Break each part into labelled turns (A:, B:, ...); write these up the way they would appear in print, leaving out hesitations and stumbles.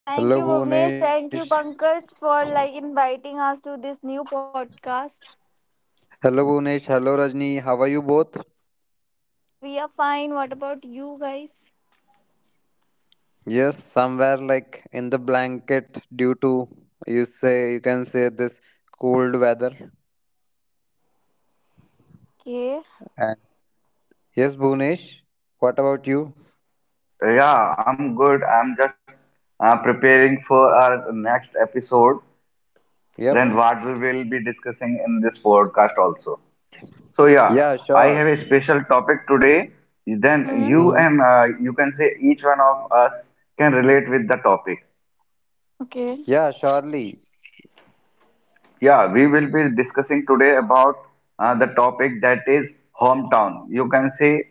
A: Thank you,
B: Hello,
A: Bhuvnesh. Thank you,
B: Bhunesh.
A: Pankaj, for like inviting us to this new podcast.
B: Hello, Rajni. How are you both?
A: We are fine. What
C: Yeah, we are
A: about
C: good.
A: you
C: What about
A: guys?
C: you, Pankaj?
B: Yes, somewhere like in the blanket due to you say you can say this
C: Cold
B: cold
C: weather.
B: weather.
C: Okay. Then
A: Okay.
C: are you
B: And
C: up? You
B: yes,
C: have your
B: Bhunesh.
C: mindset.
B: What about you?
C: Yeah, you. Yeah, I'm good. I'm just preparing for our next episode.
B: Yep.
C: Then
A: Okay.
C: what we will be discussing in this podcast also. So yeah,
B: Yeah,
C: I
B: sure.
C: have a special topic today. Then
A: hmm
C: you
B: hmm
C: and you can say each one of us can relate with the topic.
A: Okay.
B: Yeah, surely.
C: Yeah, we will be discussing today about the topic, that is hometown. You can say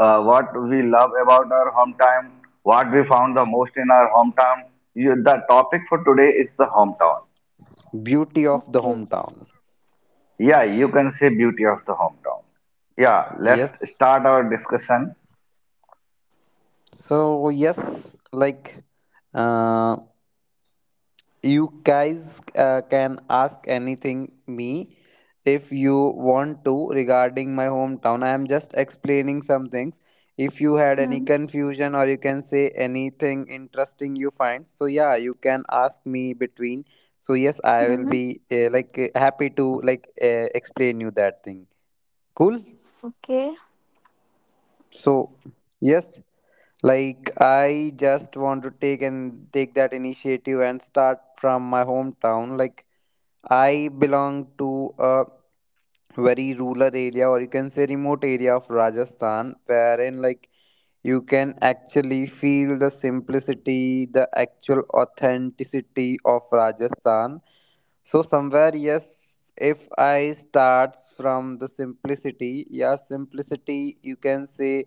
C: what we love about our hometown, what we found the most in our hometown. You, the topic for today is the hometown.
B: Beauty of the
A: Okay.
B: hometown.
C: Yeah, you can say beauty of the hometown. Yeah, let's
B: Yes.
C: start our discussion.
B: So yes, like uh, you guys can ask anything me if you want to regarding my hometown. I am just explaining some things. If you had any
A: hmm
B: confusion or you can say anything interesting you find, so yeah, you can ask me between. So yes, I will
A: hmm
B: be happy to explain you that thing. Cool.
A: Okay.
B: So yes, like I just want to take that initiative and start from my hometown. Like I belong to a very rural area, or you can say remote area of Rajasthan, wherein like you can actually feel the simplicity, the actual authenticity of Rajasthan. So somewhere, yes, if I start from the simplicity, yeah, simplicity, you can say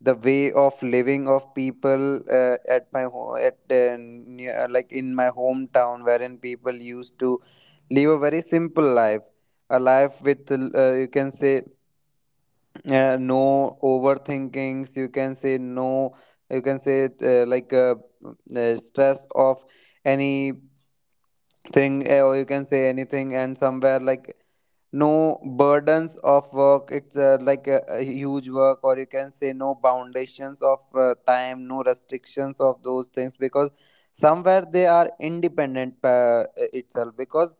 B: the way of living of people at near, like in my hometown, wherein people used to live a very simple life, a life with you can say no overthinkings, you can say no, you can say stress of any thing or you can say anything, and somewhere like no burdens of work. It's a huge work, or you can say no boundations of time, no restrictions of those things, because somewhere they are independent itself, because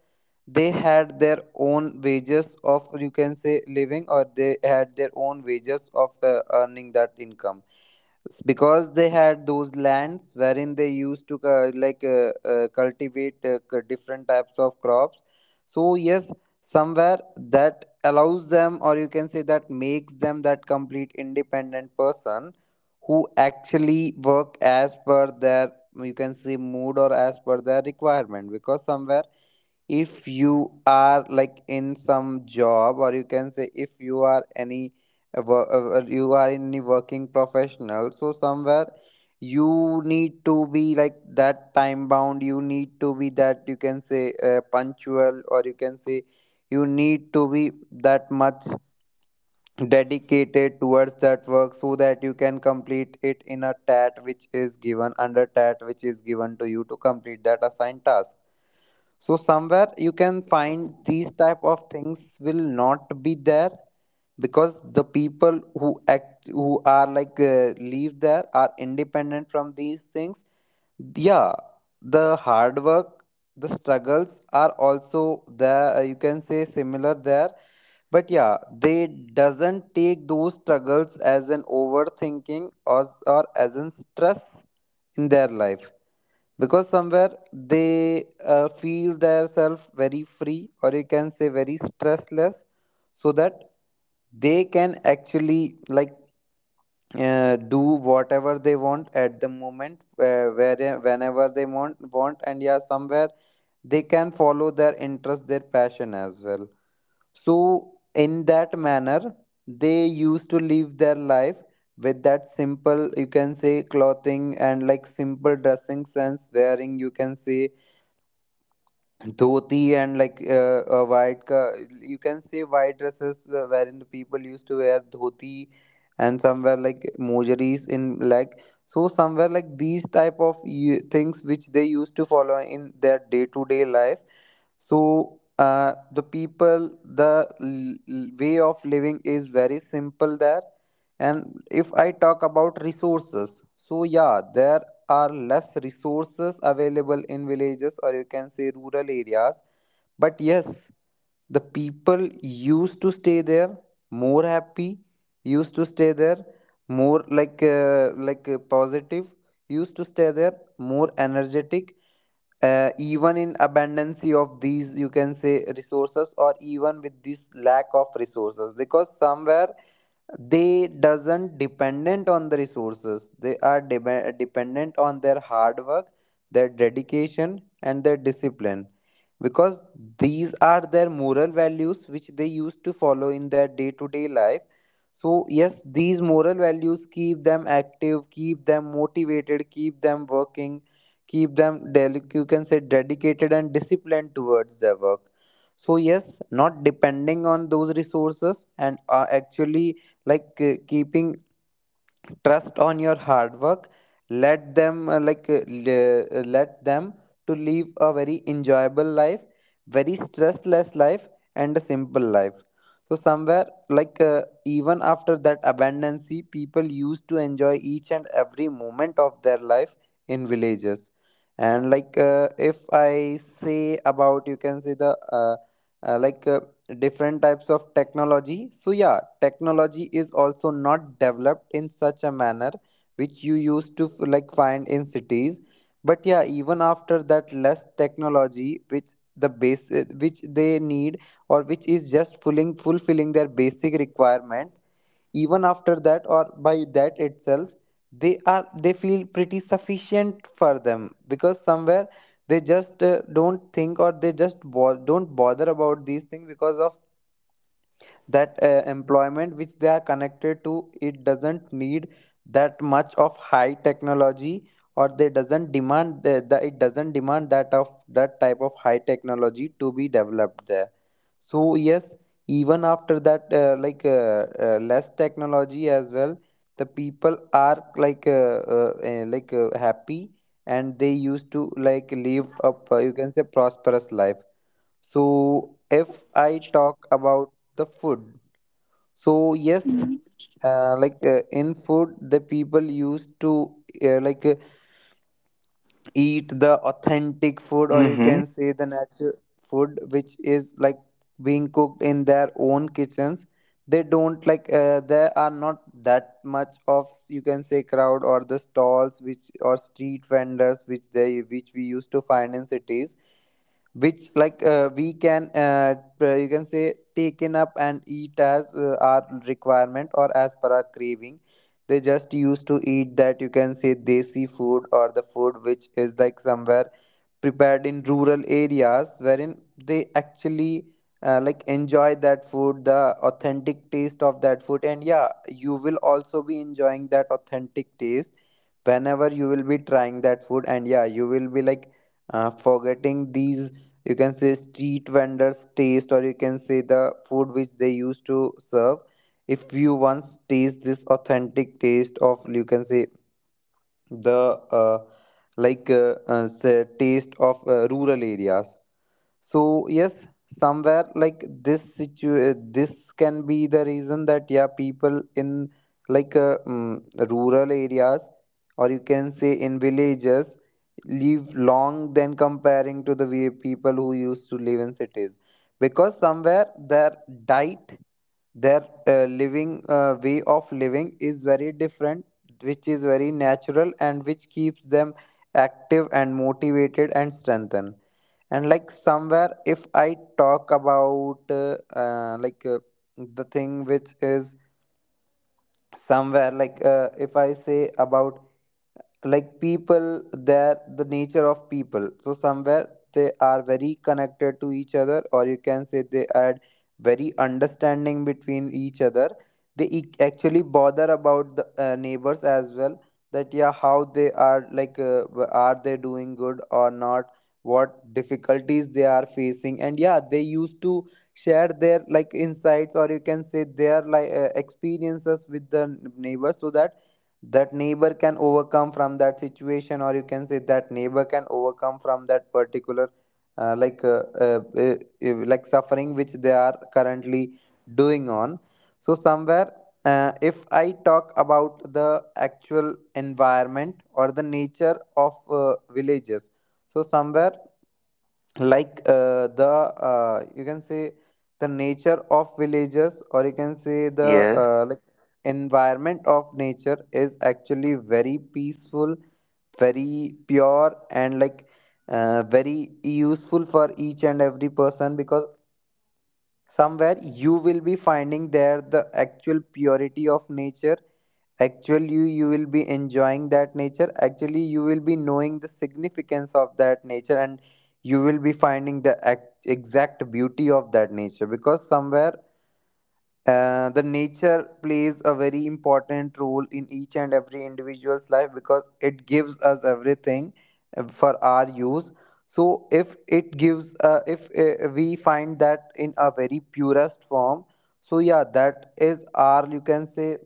B: they had their own wages of, you can say, living, or they had their own wages of earning that income. It's because they had those lands wherein they used to cultivate different types of crops. So yes, somewhere that allows them, or you can say that makes them that complete independent person who actually work as per their, you can say, mood or as per their requirement. Because somewhere if you are like in some job, or you can say if you are any you are any working professional, so somewhere you need to be like that time bound, you need to be that, you can say, punctual, or you can say you need to be that much dedicated towards that work so that you can complete it in a tat which is given to you to complete that assigned task. So somewhere you can find these type of things will not be there, because the people who act who are like live there are independent from these things. Yeah, the hard work, the struggles are also there, you can say similar there. But yeah, they doesn't take those struggles as an overthinking, or as an stress in their life, because somewhere they feel themselves very free, or you can say very stressless, so that they can actually do whatever they want at the moment, where whenever they want. And yeah, somewhere they can follow their interest, their passion as well. So, in that manner, they used to live their life with that simple, you can say, clothing, and like simple dressing sense, wearing, you can say, dhoti, and like a white, you can say, white dresses, wherein the people used to wear dhoti and somewhere like mojaris in like. So somewhere like these type of things which they used to follow in their day to day life, so the people, way of living is very simple there. And if I talk about resources, so yeah, there are less resources available in villages, or you can say rural areas. But yes, the people used to stay there more happy, used to stay there more positive, used to stay there more energetic, even in abundance of these, you can say, resources, or even with this lack of resources, because somewhere they doesn't dependent on the resources. They are dependent on their hard work, their dedication, and their discipline, because these are their moral values which they used to follow in their day to day life. So yes, these moral values keep them active, keep them motivated, keep them working, you can say dedicated and disciplined towards their work. So yes, not depending on those resources and are actually keeping trust on your hard work let them let them to live a very enjoyable life, very stressless life, and a simple life. So somewhere even after that abundancy, people used to enjoy each and every moment of their life in villages. And if I say about, you can say, the like different types of technology, so yeah, technology is also not developed in such a manner which you used to like find in cities. But yeah, even after that less technology which the base which they need, or which is just fulfilling their basic requirement, even after that, or by that itself, they feel pretty sufficient for them, because somewhere they just don't think, or they just don't bother about these things, because of that employment which they are connected to, it doesn't need that much of high technology, or they doesn't demand the, it doesn't demand that of that type of high technology to be developed there. So yes, even after that less technology as well, the people are happy, and they used to like live up, you can say, prosperous life. So if I talk about the food, so yes,
A: hmm
B: in food the people used to uh, like uh, eat the authentic food, or you
C: Mm-hmm.
B: can say the natural food, which is like being cooked in their own kitchens. They don't like there are not that much of, you can say, crowd, or the stalls which, or street vendors which they which we used to find in cities, which like we can you can say taken up and eat as our requirement or as per our craving. They just used to eat that, you can say, desi food, or the food which is like somewhere prepared in rural areas, wherein they actually like enjoy that food, the authentic taste of that food. And yeah, you will also be enjoying that authentic taste whenever you will be trying that food. And yeah, you will be like forgetting these, you can say, street vendors taste, or you can say the food which they used to serve, if you once taste this authentic taste of, you can say, the uh, like say, taste of rural areas. So yes, somewhere like this can be the reason that yeah, people in like uh, mm, rural areas, or you can say in villages, live long than comparing to the way people who used to live in cities, because somewhere their diet, their living way of living is very different, which is very natural, and which keeps them active and motivated and strengthened. And like somewhere if I talk about uh, like uh, the thing which is somewhere if I say about like people there, the nature of people, so somewhere they are very connected to each other, or you can say they had very understanding between each other. They actually bother about the neighbors as well, that yeah, how they are are they doing good or not, what difficulties they are facing. And yeah, they used to share their like insights, or you can say their experiences with the neighbor, so that that neighbor can overcome from that situation, or you can say that neighbor can overcome from that particular uh, like uh, uh, uh, suffering which they are currently doing on. So somewhere, if I talk about the actual environment or the nature of villages, so somewhere like the you can say the nature of villages, or you can say the,
C: Yes.
B: environment of nature is actually very peaceful, very pure, and like very useful for each and every person, because somewhere you will be finding there the actual purity of nature. Actually you will be enjoying that nature, actually you will be knowing the significance of that nature, and you will be finding the exact beauty of that nature, because somewhere the nature plays a very important role in each and every individual's life, because it gives us everything for our use. So if it gives, if we find that in a very purest form, so yeah, that is Our, you can say,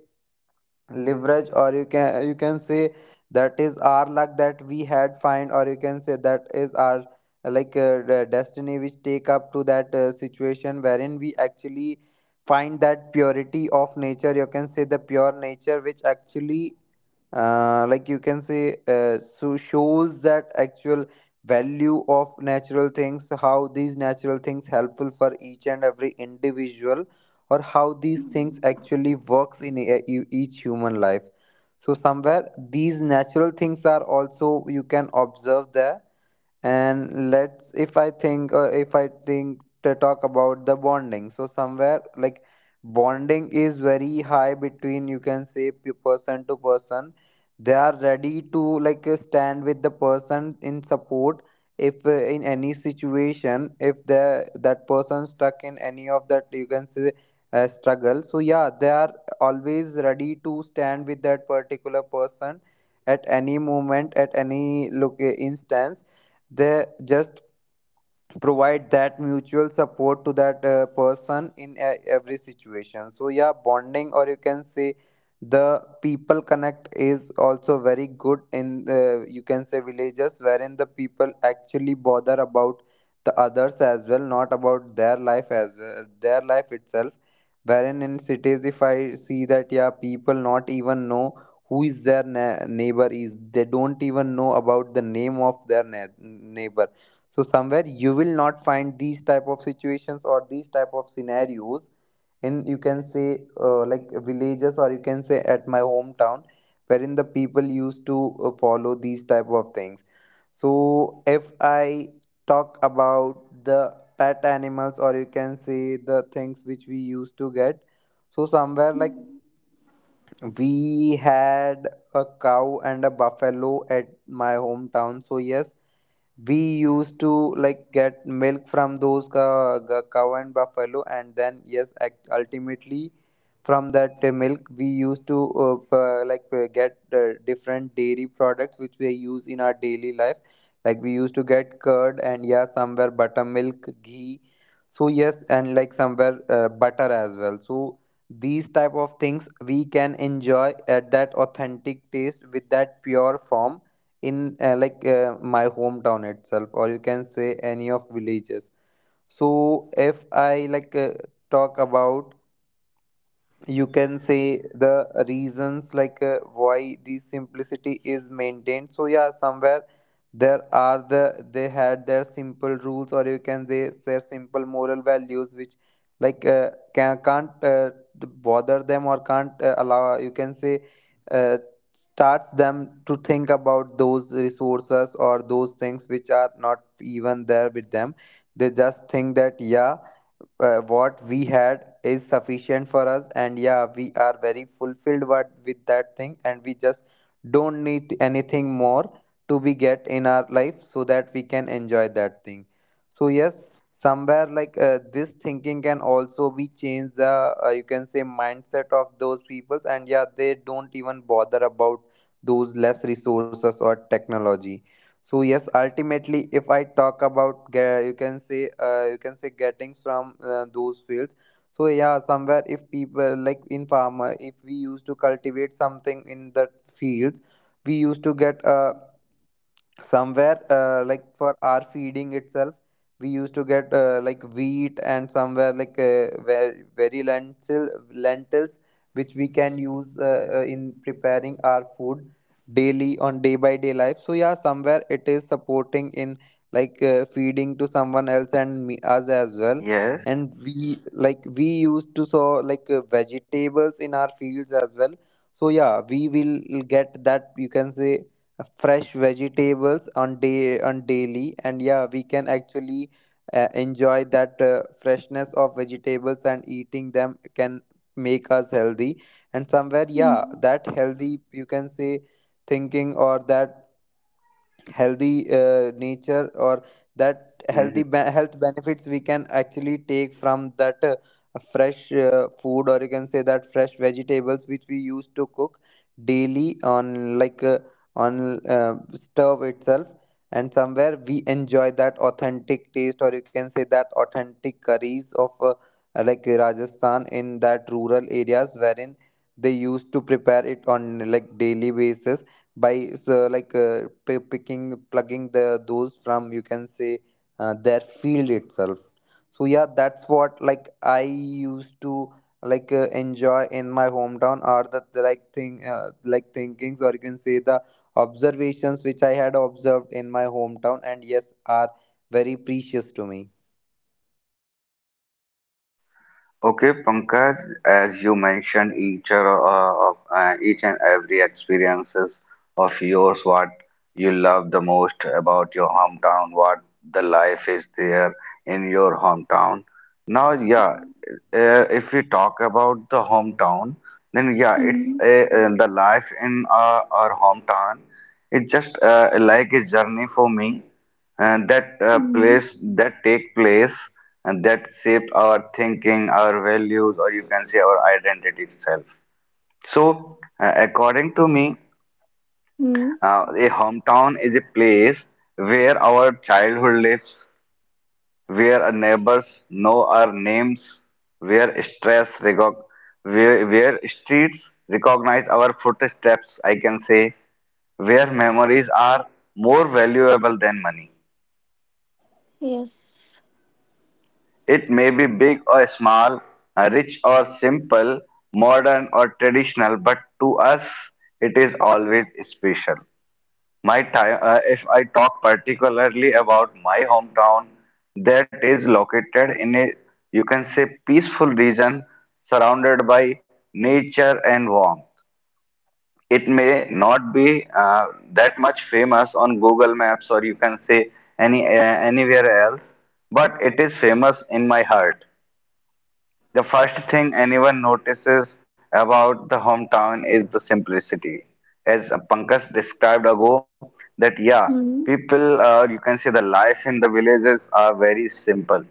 B: leverage, or you can say that is our luck that we had find, or you can say that is our the destiny which take up to that situation wherein we actually find that purity of nature. You can say the pure nature which actually like you can say so shows that actual value of natural things, how these natural things helpful for each and every individual, or how these things
A: hmm
B: actually works in each human life. So somewhere these natural things are also you can observe there. And let's, if I think to talk about the bonding, so somewhere like bonding is very high between, you can say, person to person. They are ready to, like stand with the person in support. If in any situation if the that person stuck in any of that, you can say, struggle, so yeah, they are always ready to stand with that particular person at any moment, at any look instance. They just provide that mutual support to that person in every situation. So yeah, bonding, or you can say the people connect is also very good in, you can say, villages, wherein the people actually bother about the others as well, not about their life as well, their life itself. Wherein in cities, if I see that, yeah, people not even know who is their neighbor is, they don't even know about the name of their neighbor. So somewhere you will not find these type of situations or these type of scenarios in, you can say, like villages, or you can say at my hometown, wherein the people used to follow these type of things. So if I talk about the pet animals, or you can say the things which we used to get, so somewhere like we had a cow and a buffalo at my hometown. So yes, we used to like get milk from those cow and buffalo, and then yes, ultimately from that milk we used to get different dairy products which we use in our daily life. Like we used to get curd, and yeah, somewhere buttermilk, ghee. So yes, and like somewhere butter as well. So these type of things we can enjoy at that authentic taste with that pure form in, my hometown itself, or you can say any of villages. So if I talk about, you can say, the reasons, like why the simplicity is maintained. So yeah, somewhere there are the, they had their simple rules, or you can say their simple moral values which like uh, can't bother them, or can't allow, you can say, uh, starts them to think about those resources or those things which are not even there with them. They just think that, yeah, what we had is sufficient for us, and yeah, we are very fulfilled with that thing, and we just don't need anything more to be get in our life, so that we can enjoy that thing. So yes, somewhere this thinking can also be changed, the you can say mindset of those peoples, and yeah, they don't even bother about those less resources or technology. So yes, ultimately, if I talk about you can say, getting from those fields. So yeah, somewhere if people like in farmer, if we used to cultivate something in the fields, we used to get somewhere, like for our feeding itself, we used to get like wheat, and somewhere like very lentils which we can use in preparing our food daily on day by day life. So yeah, somewhere it is supporting in, feeding to someone else and me, us as well.
C: Yes.
B: And we like we used to sow like vegetables in our fields as well. So yeah, we will get that, you can say, fresh vegetables on day, on daily, and yeah, we can actually enjoy that freshness of vegetables, and eating them can make us healthy. And somewhere, yeah,
A: hmm
B: that healthy, you can say, thinking, or that healthy nature, or that healthy health benefits we can actually take from that fresh food, or you can say that fresh vegetables which we used to cook daily on stove itself. And somewhere we enjoy that authentic taste, or you can say that authentic curries of, like Rajasthan, in that rural areas, wherein they used to prepare it on like daily basis by, so like picking, plugging the those from, you can say, their field itself. So yeah, that's what, like, I used to enjoy in my hometown, or the like thing like thinkings, or you can say the observations which I had observed in my hometown, and yes, are very precious to me.
C: Okay, Pankaj, as you mentioned, each and every experiences of yours, what you love the most about your hometown, what the life is there in your hometown. Now, yeah, if we talk about the hometown, then yeah, it's
A: hmm
C: the life in our hometown. It's just like a journey for me, and that
A: hmm
C: place that take place and that shape our thinking, our values, or you can say our identity itself. So according to me, a hometown is a place where our childhood lives, where our neighbors know our names, where stress recog- where streets recognize our footsteps, I can say, where memories are more valuable than money.
A: Yes.
C: It may be big or small, rich or simple, modern or traditional, but to us it is always special. If I talk particularly about my hometown, that is located in a, you can say, peaceful region surrounded by nature and warmth. It may not be that much famous on Google Maps, or you can say any anywhere else, but it is famous in my heart. The first thing anyone notices about the hometown is the simplicity. As Pankaj described ago, that yeah,
A: hmm
C: people, you can say the life in the villages are very simple.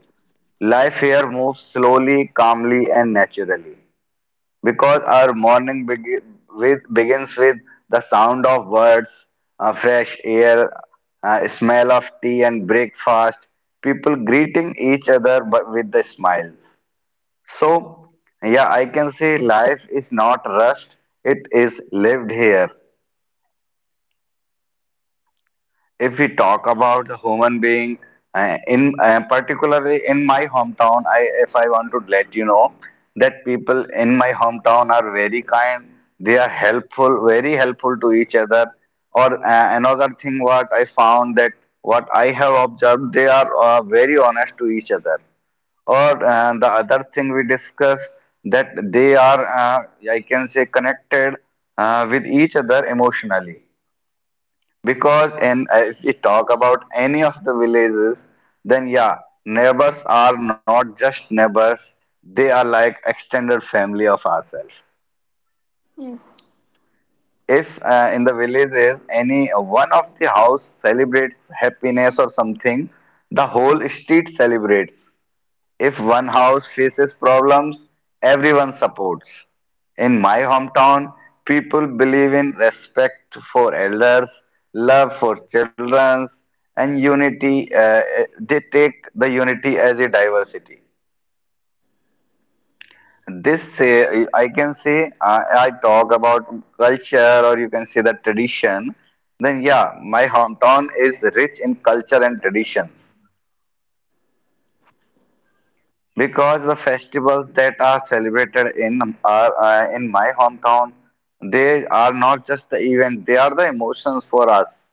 C: Life here moves slowly, calmly, and naturally, because our begins with the sound of birds, fresh air, smell of tea and breakfast, people greeting each other but with the smiles. So, yeah, I can say life is not rushed, it is lived here. If we talk about the human being, in particularly in my hometown, I if I want to let you know that people in my hometown are very kind, they are helpful, very helpful to each other. Or another thing, what I have observed, they are very honest to each other. Or the other thing we discussed, that they are I can say connected with each other emotionally, because in if we talk about any of the villages, then yeah, neighbors are not just neighbors, they are like extended family of ourselves.
A: Yes.
C: If in the villages any one of the house celebrates happiness or something, the whole street celebrates. If one house faces problems, everyone supports. In my hometown, people believe in respect for elders, love for children, and unity. They take the unity as a diversity. This say I can say I talk about culture, or you can say the tradition. Then yeah, my hometown is rich in culture and traditions, because the festivals that are celebrated in my hometown, they are not just the event, they are the emotions for us.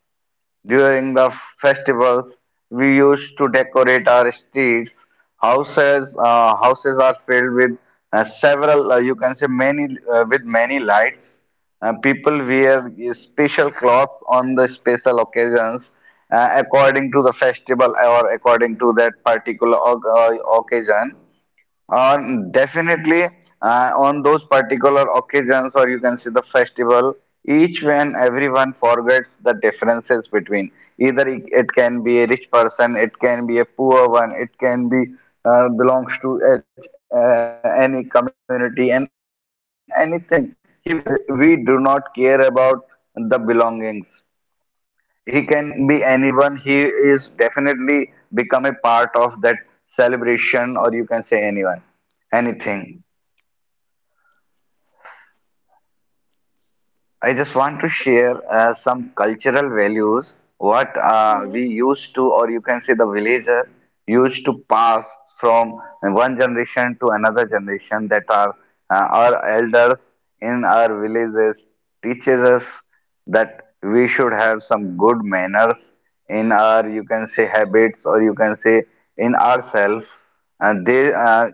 C: During the festivals, we used to decorate our streets, houses. Houses are filled with several you can say many, with many lights. People wear special clothes on the special occasions, according to the festival or according to that particular occasion. uh, Definitely, on those particular occasions, or you can see the festival, each when everyone forgets the differences between. Either it can be a rich person, it can be a poor one, it can be belongs to any community and anything. We do not care about the belongings. He can be anyone. He is definitely become a part of that celebration, or you can say anyone, anything. I just want to share some cultural values, what we used to,
A: Yes.
C: or you can say the villager used to pass from one generation to another generation. That are our elders in our villages teaches us that we should have some good manners in our, you can say, habits, or you can say in ourselves. And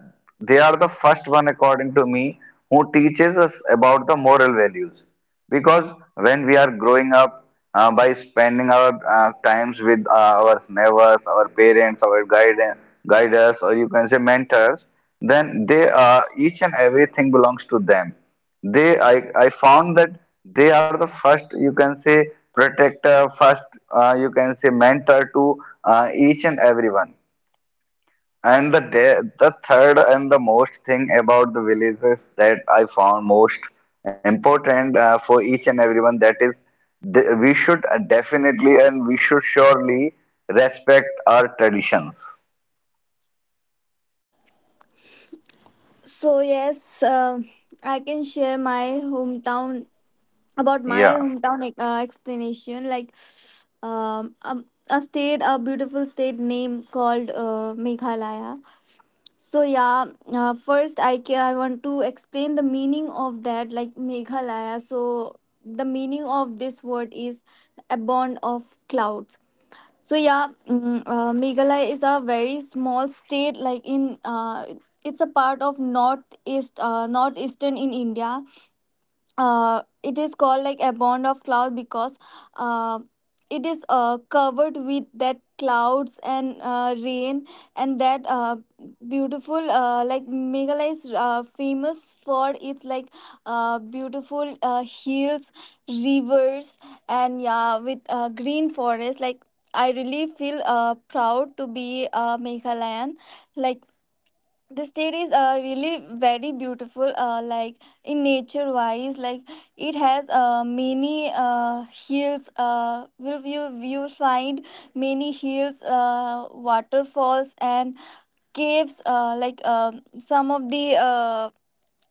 C: they are the first one, according to me, who teaches us about the moral values, because when we are growing up, by spending our times with our neighbors, our parents, our guiders, or you can say mentors, then they each and everything belongs to them. I found that they are the first, you can say, protector, first, you can say mentor to each and everyone. And the third and the most thing about the villages that I found most important for each and everyone, that is, we should definitely and we should surely respect our traditions.
A: So I can share my hometown about
C: Yeah.
A: my hometown, explanation, like a state a beautiful state name called Meghalaya. So yeah, first, I want to explain the meaning of that, like Meghalaya. So the meaning of this word is a bond of clouds. So yeah, Meghalaya is a very small state, like in it's a part of northeastern in India. It is called like a bond of cloud, because uh, it is covered with that clouds and rain. And that beautiful, like Meghalaya is famous for its, like beautiful hills, rivers, and yeah, with green forest. Like, I really feel proud to be a Meghalayan. Like the state is really very beautiful, like in nature wise. Like it has many hills, will you you find many hills, waterfalls, and caves, like. Some of the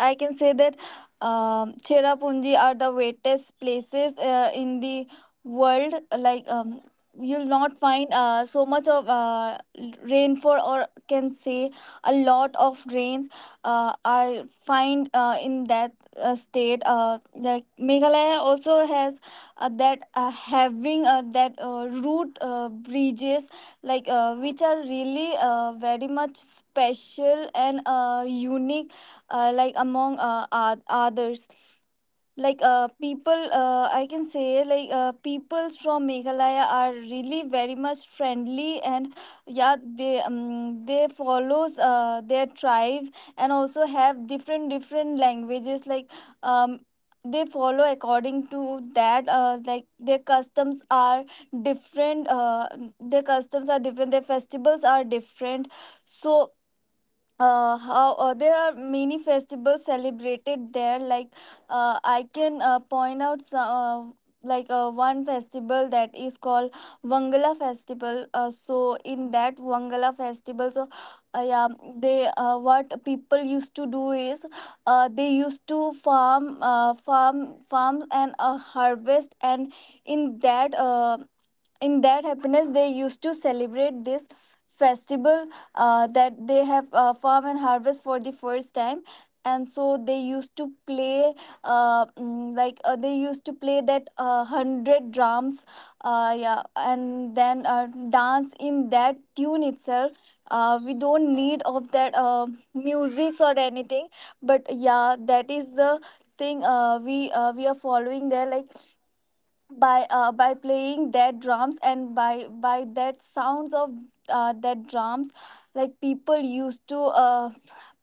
A: I can say that, Cherrapunji are the wettest places in the world. Like, you'll not find so much of rainfall, or can say a lot of rains. I find in that state. Like Meghalaya also has that having that root bridges, like which are really very much special and unique, like among others. Like people, I can say, like peoples from Meghalaya are really very much friendly. And yeah, they follows their tribes, and also have different different languages. Like um, they follow according to that, like different uh, their customs are different, their festivals are different. So how there are many festivals celebrated there. Like I can point out some, like one festival that is called Wangala festival. So in that Wangala festival, so yeah, they, what people used to do is, they used to farm and harvest. And in that uh, in that happiness they used to celebrate this festival, that they have farm and harvest for the first time. And so they used to play that 100 drums, yeah, and then dance in that tune itself. We don't need of that music or anything. But yeah, that is the thing, we are following there. Like by playing their drums, and by that sounds of that drums. Like people used to uh,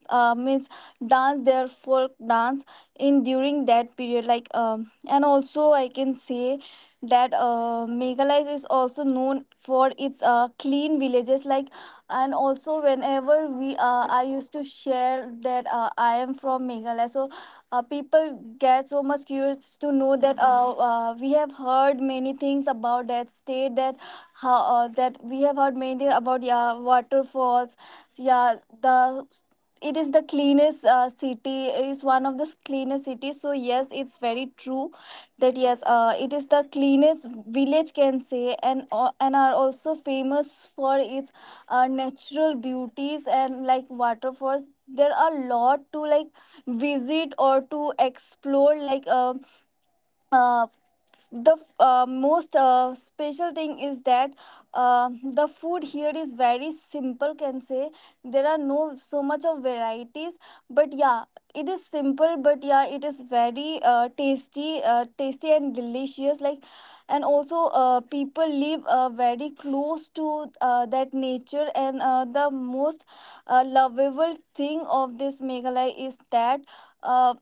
A: uh, means dance their folk dance in, during that period. Like, and also I can say that Meghalaya is also known for its clean villages. Like and also whenever we I used to share that I am from Meghalaya, so people get so much curious to know that, we have heard many things about that state, that how that we have heard many things about, yeah, waterfalls, yeah. the It is the cleanest city, is one of the cleanest cities. So yes, it's very true that, yes, it is the cleanest village, can say, and are also famous for its natural beauties and like waterfalls. There are a lot to like visit or to explore, like uh, the most special thing is that, the food here is very simple, can say. There are no so much of varieties, but yeah, it is simple, but yeah, it is very tasty and delicious, like. And also people live very close to that nature, and the most lovable thing of this Meghalaya is that uh,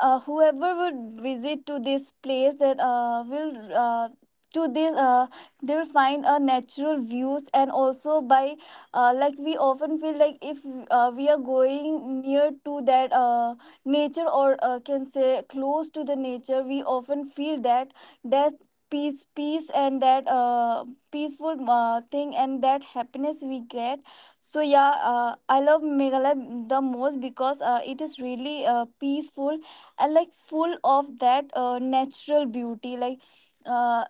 A: whoever would visit to this place, that will to this they will find a natural views. And also by like we often feel, like if we are going near to that nature, or can say close to the nature, we often feel that, that peace and that peaceful thing, and that happiness we get. So yeah, I love Meghalaya the most because it is really peaceful and like full of that natural beauty. Like uh,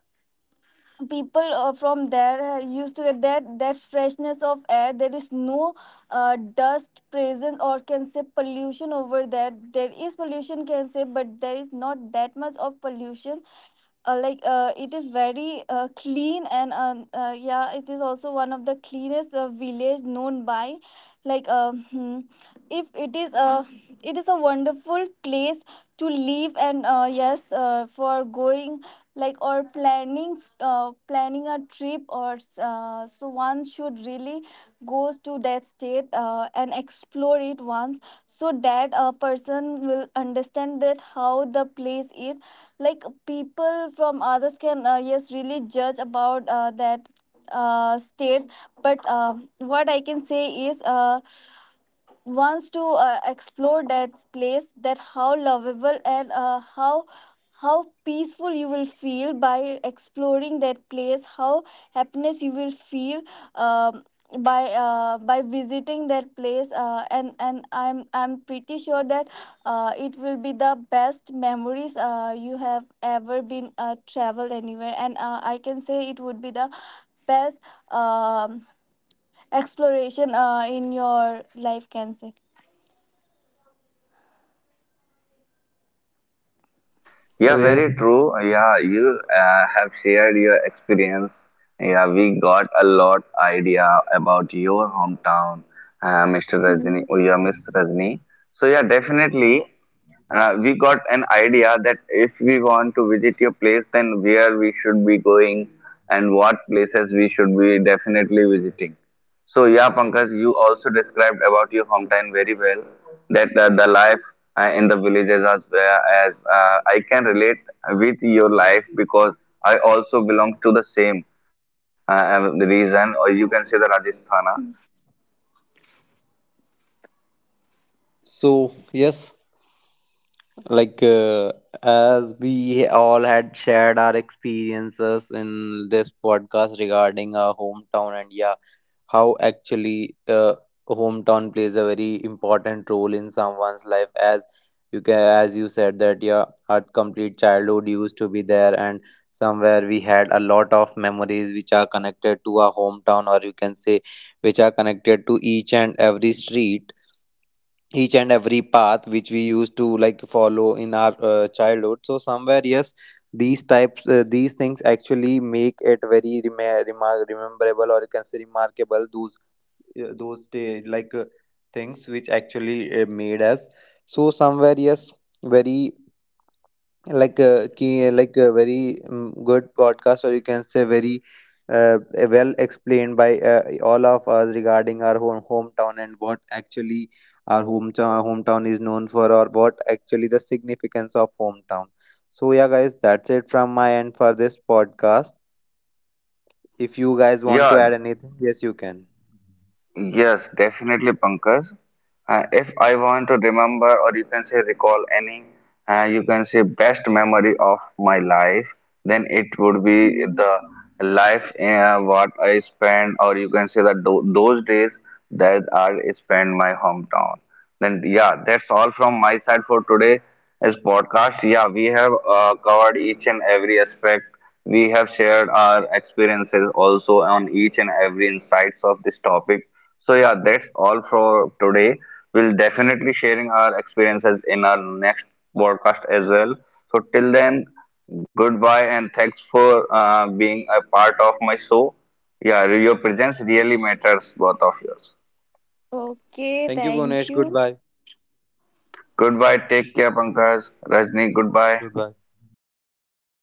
A: people from there used to get that freshness of air. There is no dust present, or can say pollution over there. There is pollution, can say, but there is not that much of pollution. Like it is very clean, and yeah, it is also one of the cleanest village known by. Like hmm, if it is a wonderful place to live. And yes, for going, like, or planning a trip, or so one should really go to that state and explore it once, so that a person will understand that how the place is. Like people from others can yes, really judge about that states. But what I can say is, wants to explore that place, that how lovable and how peaceful you will feel by exploring that place, how happiness you will feel. um, by visiting that place, and I'm pretty sure that it will be the best memories you have ever been travel anywhere. And I can say it would be the best, um, exploration in your life, can say.
C: Yeah,
B: So
C: very true.
B: yes,
C: Yeah, you have shared your experience. Yeah, we got a lot idea about your hometown, Mr.
A: Mm,
C: Rajni, or yeah, Miss Rajni. So yeah, definitely,
A: yes.
C: we got an idea that if we want to visit your place, then where we should be going and what places we should be definitely visiting. So yeah, Pankaj, you also described about your hometown very well. That the life in the villages. As well as I can relate with your life, because I also belong to the same reason, or you can say the Rajasthana.
B: so yes, like uh, as we all had shared our experiences in this podcast regarding our hometown, and yeah, how actually hometown plays a very important role in someone's life. As you can as you said, that yeah, our complete childhood used to be there, and somewhere we had a lot of memories which are connected to our hometown, or you can say which are connected to each and every street, each and every path which we used to like follow in our childhood. So somewhere, yes, these types, these things actually make it very rememberable, or you can say remarkable, those day, things which actually made us. So somewhere, yes, very, like a very good podcast, or you can say very uh, well explained by all of us regarding our hometown, and what actually our hometown is known for, or what actually the significance of hometown. So yeah, guys, that's it from my end for this podcast. If you guys want to add
C: Yeah,
B: anything, yes, you can.
C: yes, definitely, Pankaj. If I want to remember, or you can say recall any, you can say, best memory of my life, then it would be
A: Mm.
C: the life what I spent, or you can say that tho- those days that I spent my hometown. Then yeah, that's all from my side for today. As podcast, yeah, we have covered each and every aspect. We have shared our experiences also on each and every insights of this topic. So yeah, that's all for today. We'll definitely sharing our experiences in our next podcast as well. So till then, goodbye, and thanks for being a part of my show. Yeah, your presence really matters, both of yours.
A: Okay,
B: Thank you,
A: thank
B: Bonesh.
A: you.
B: Goodbye.
C: Goodbye. Take care, Pankaj. Rajni, goodbye.
B: Goodbye.
A: Goodbye.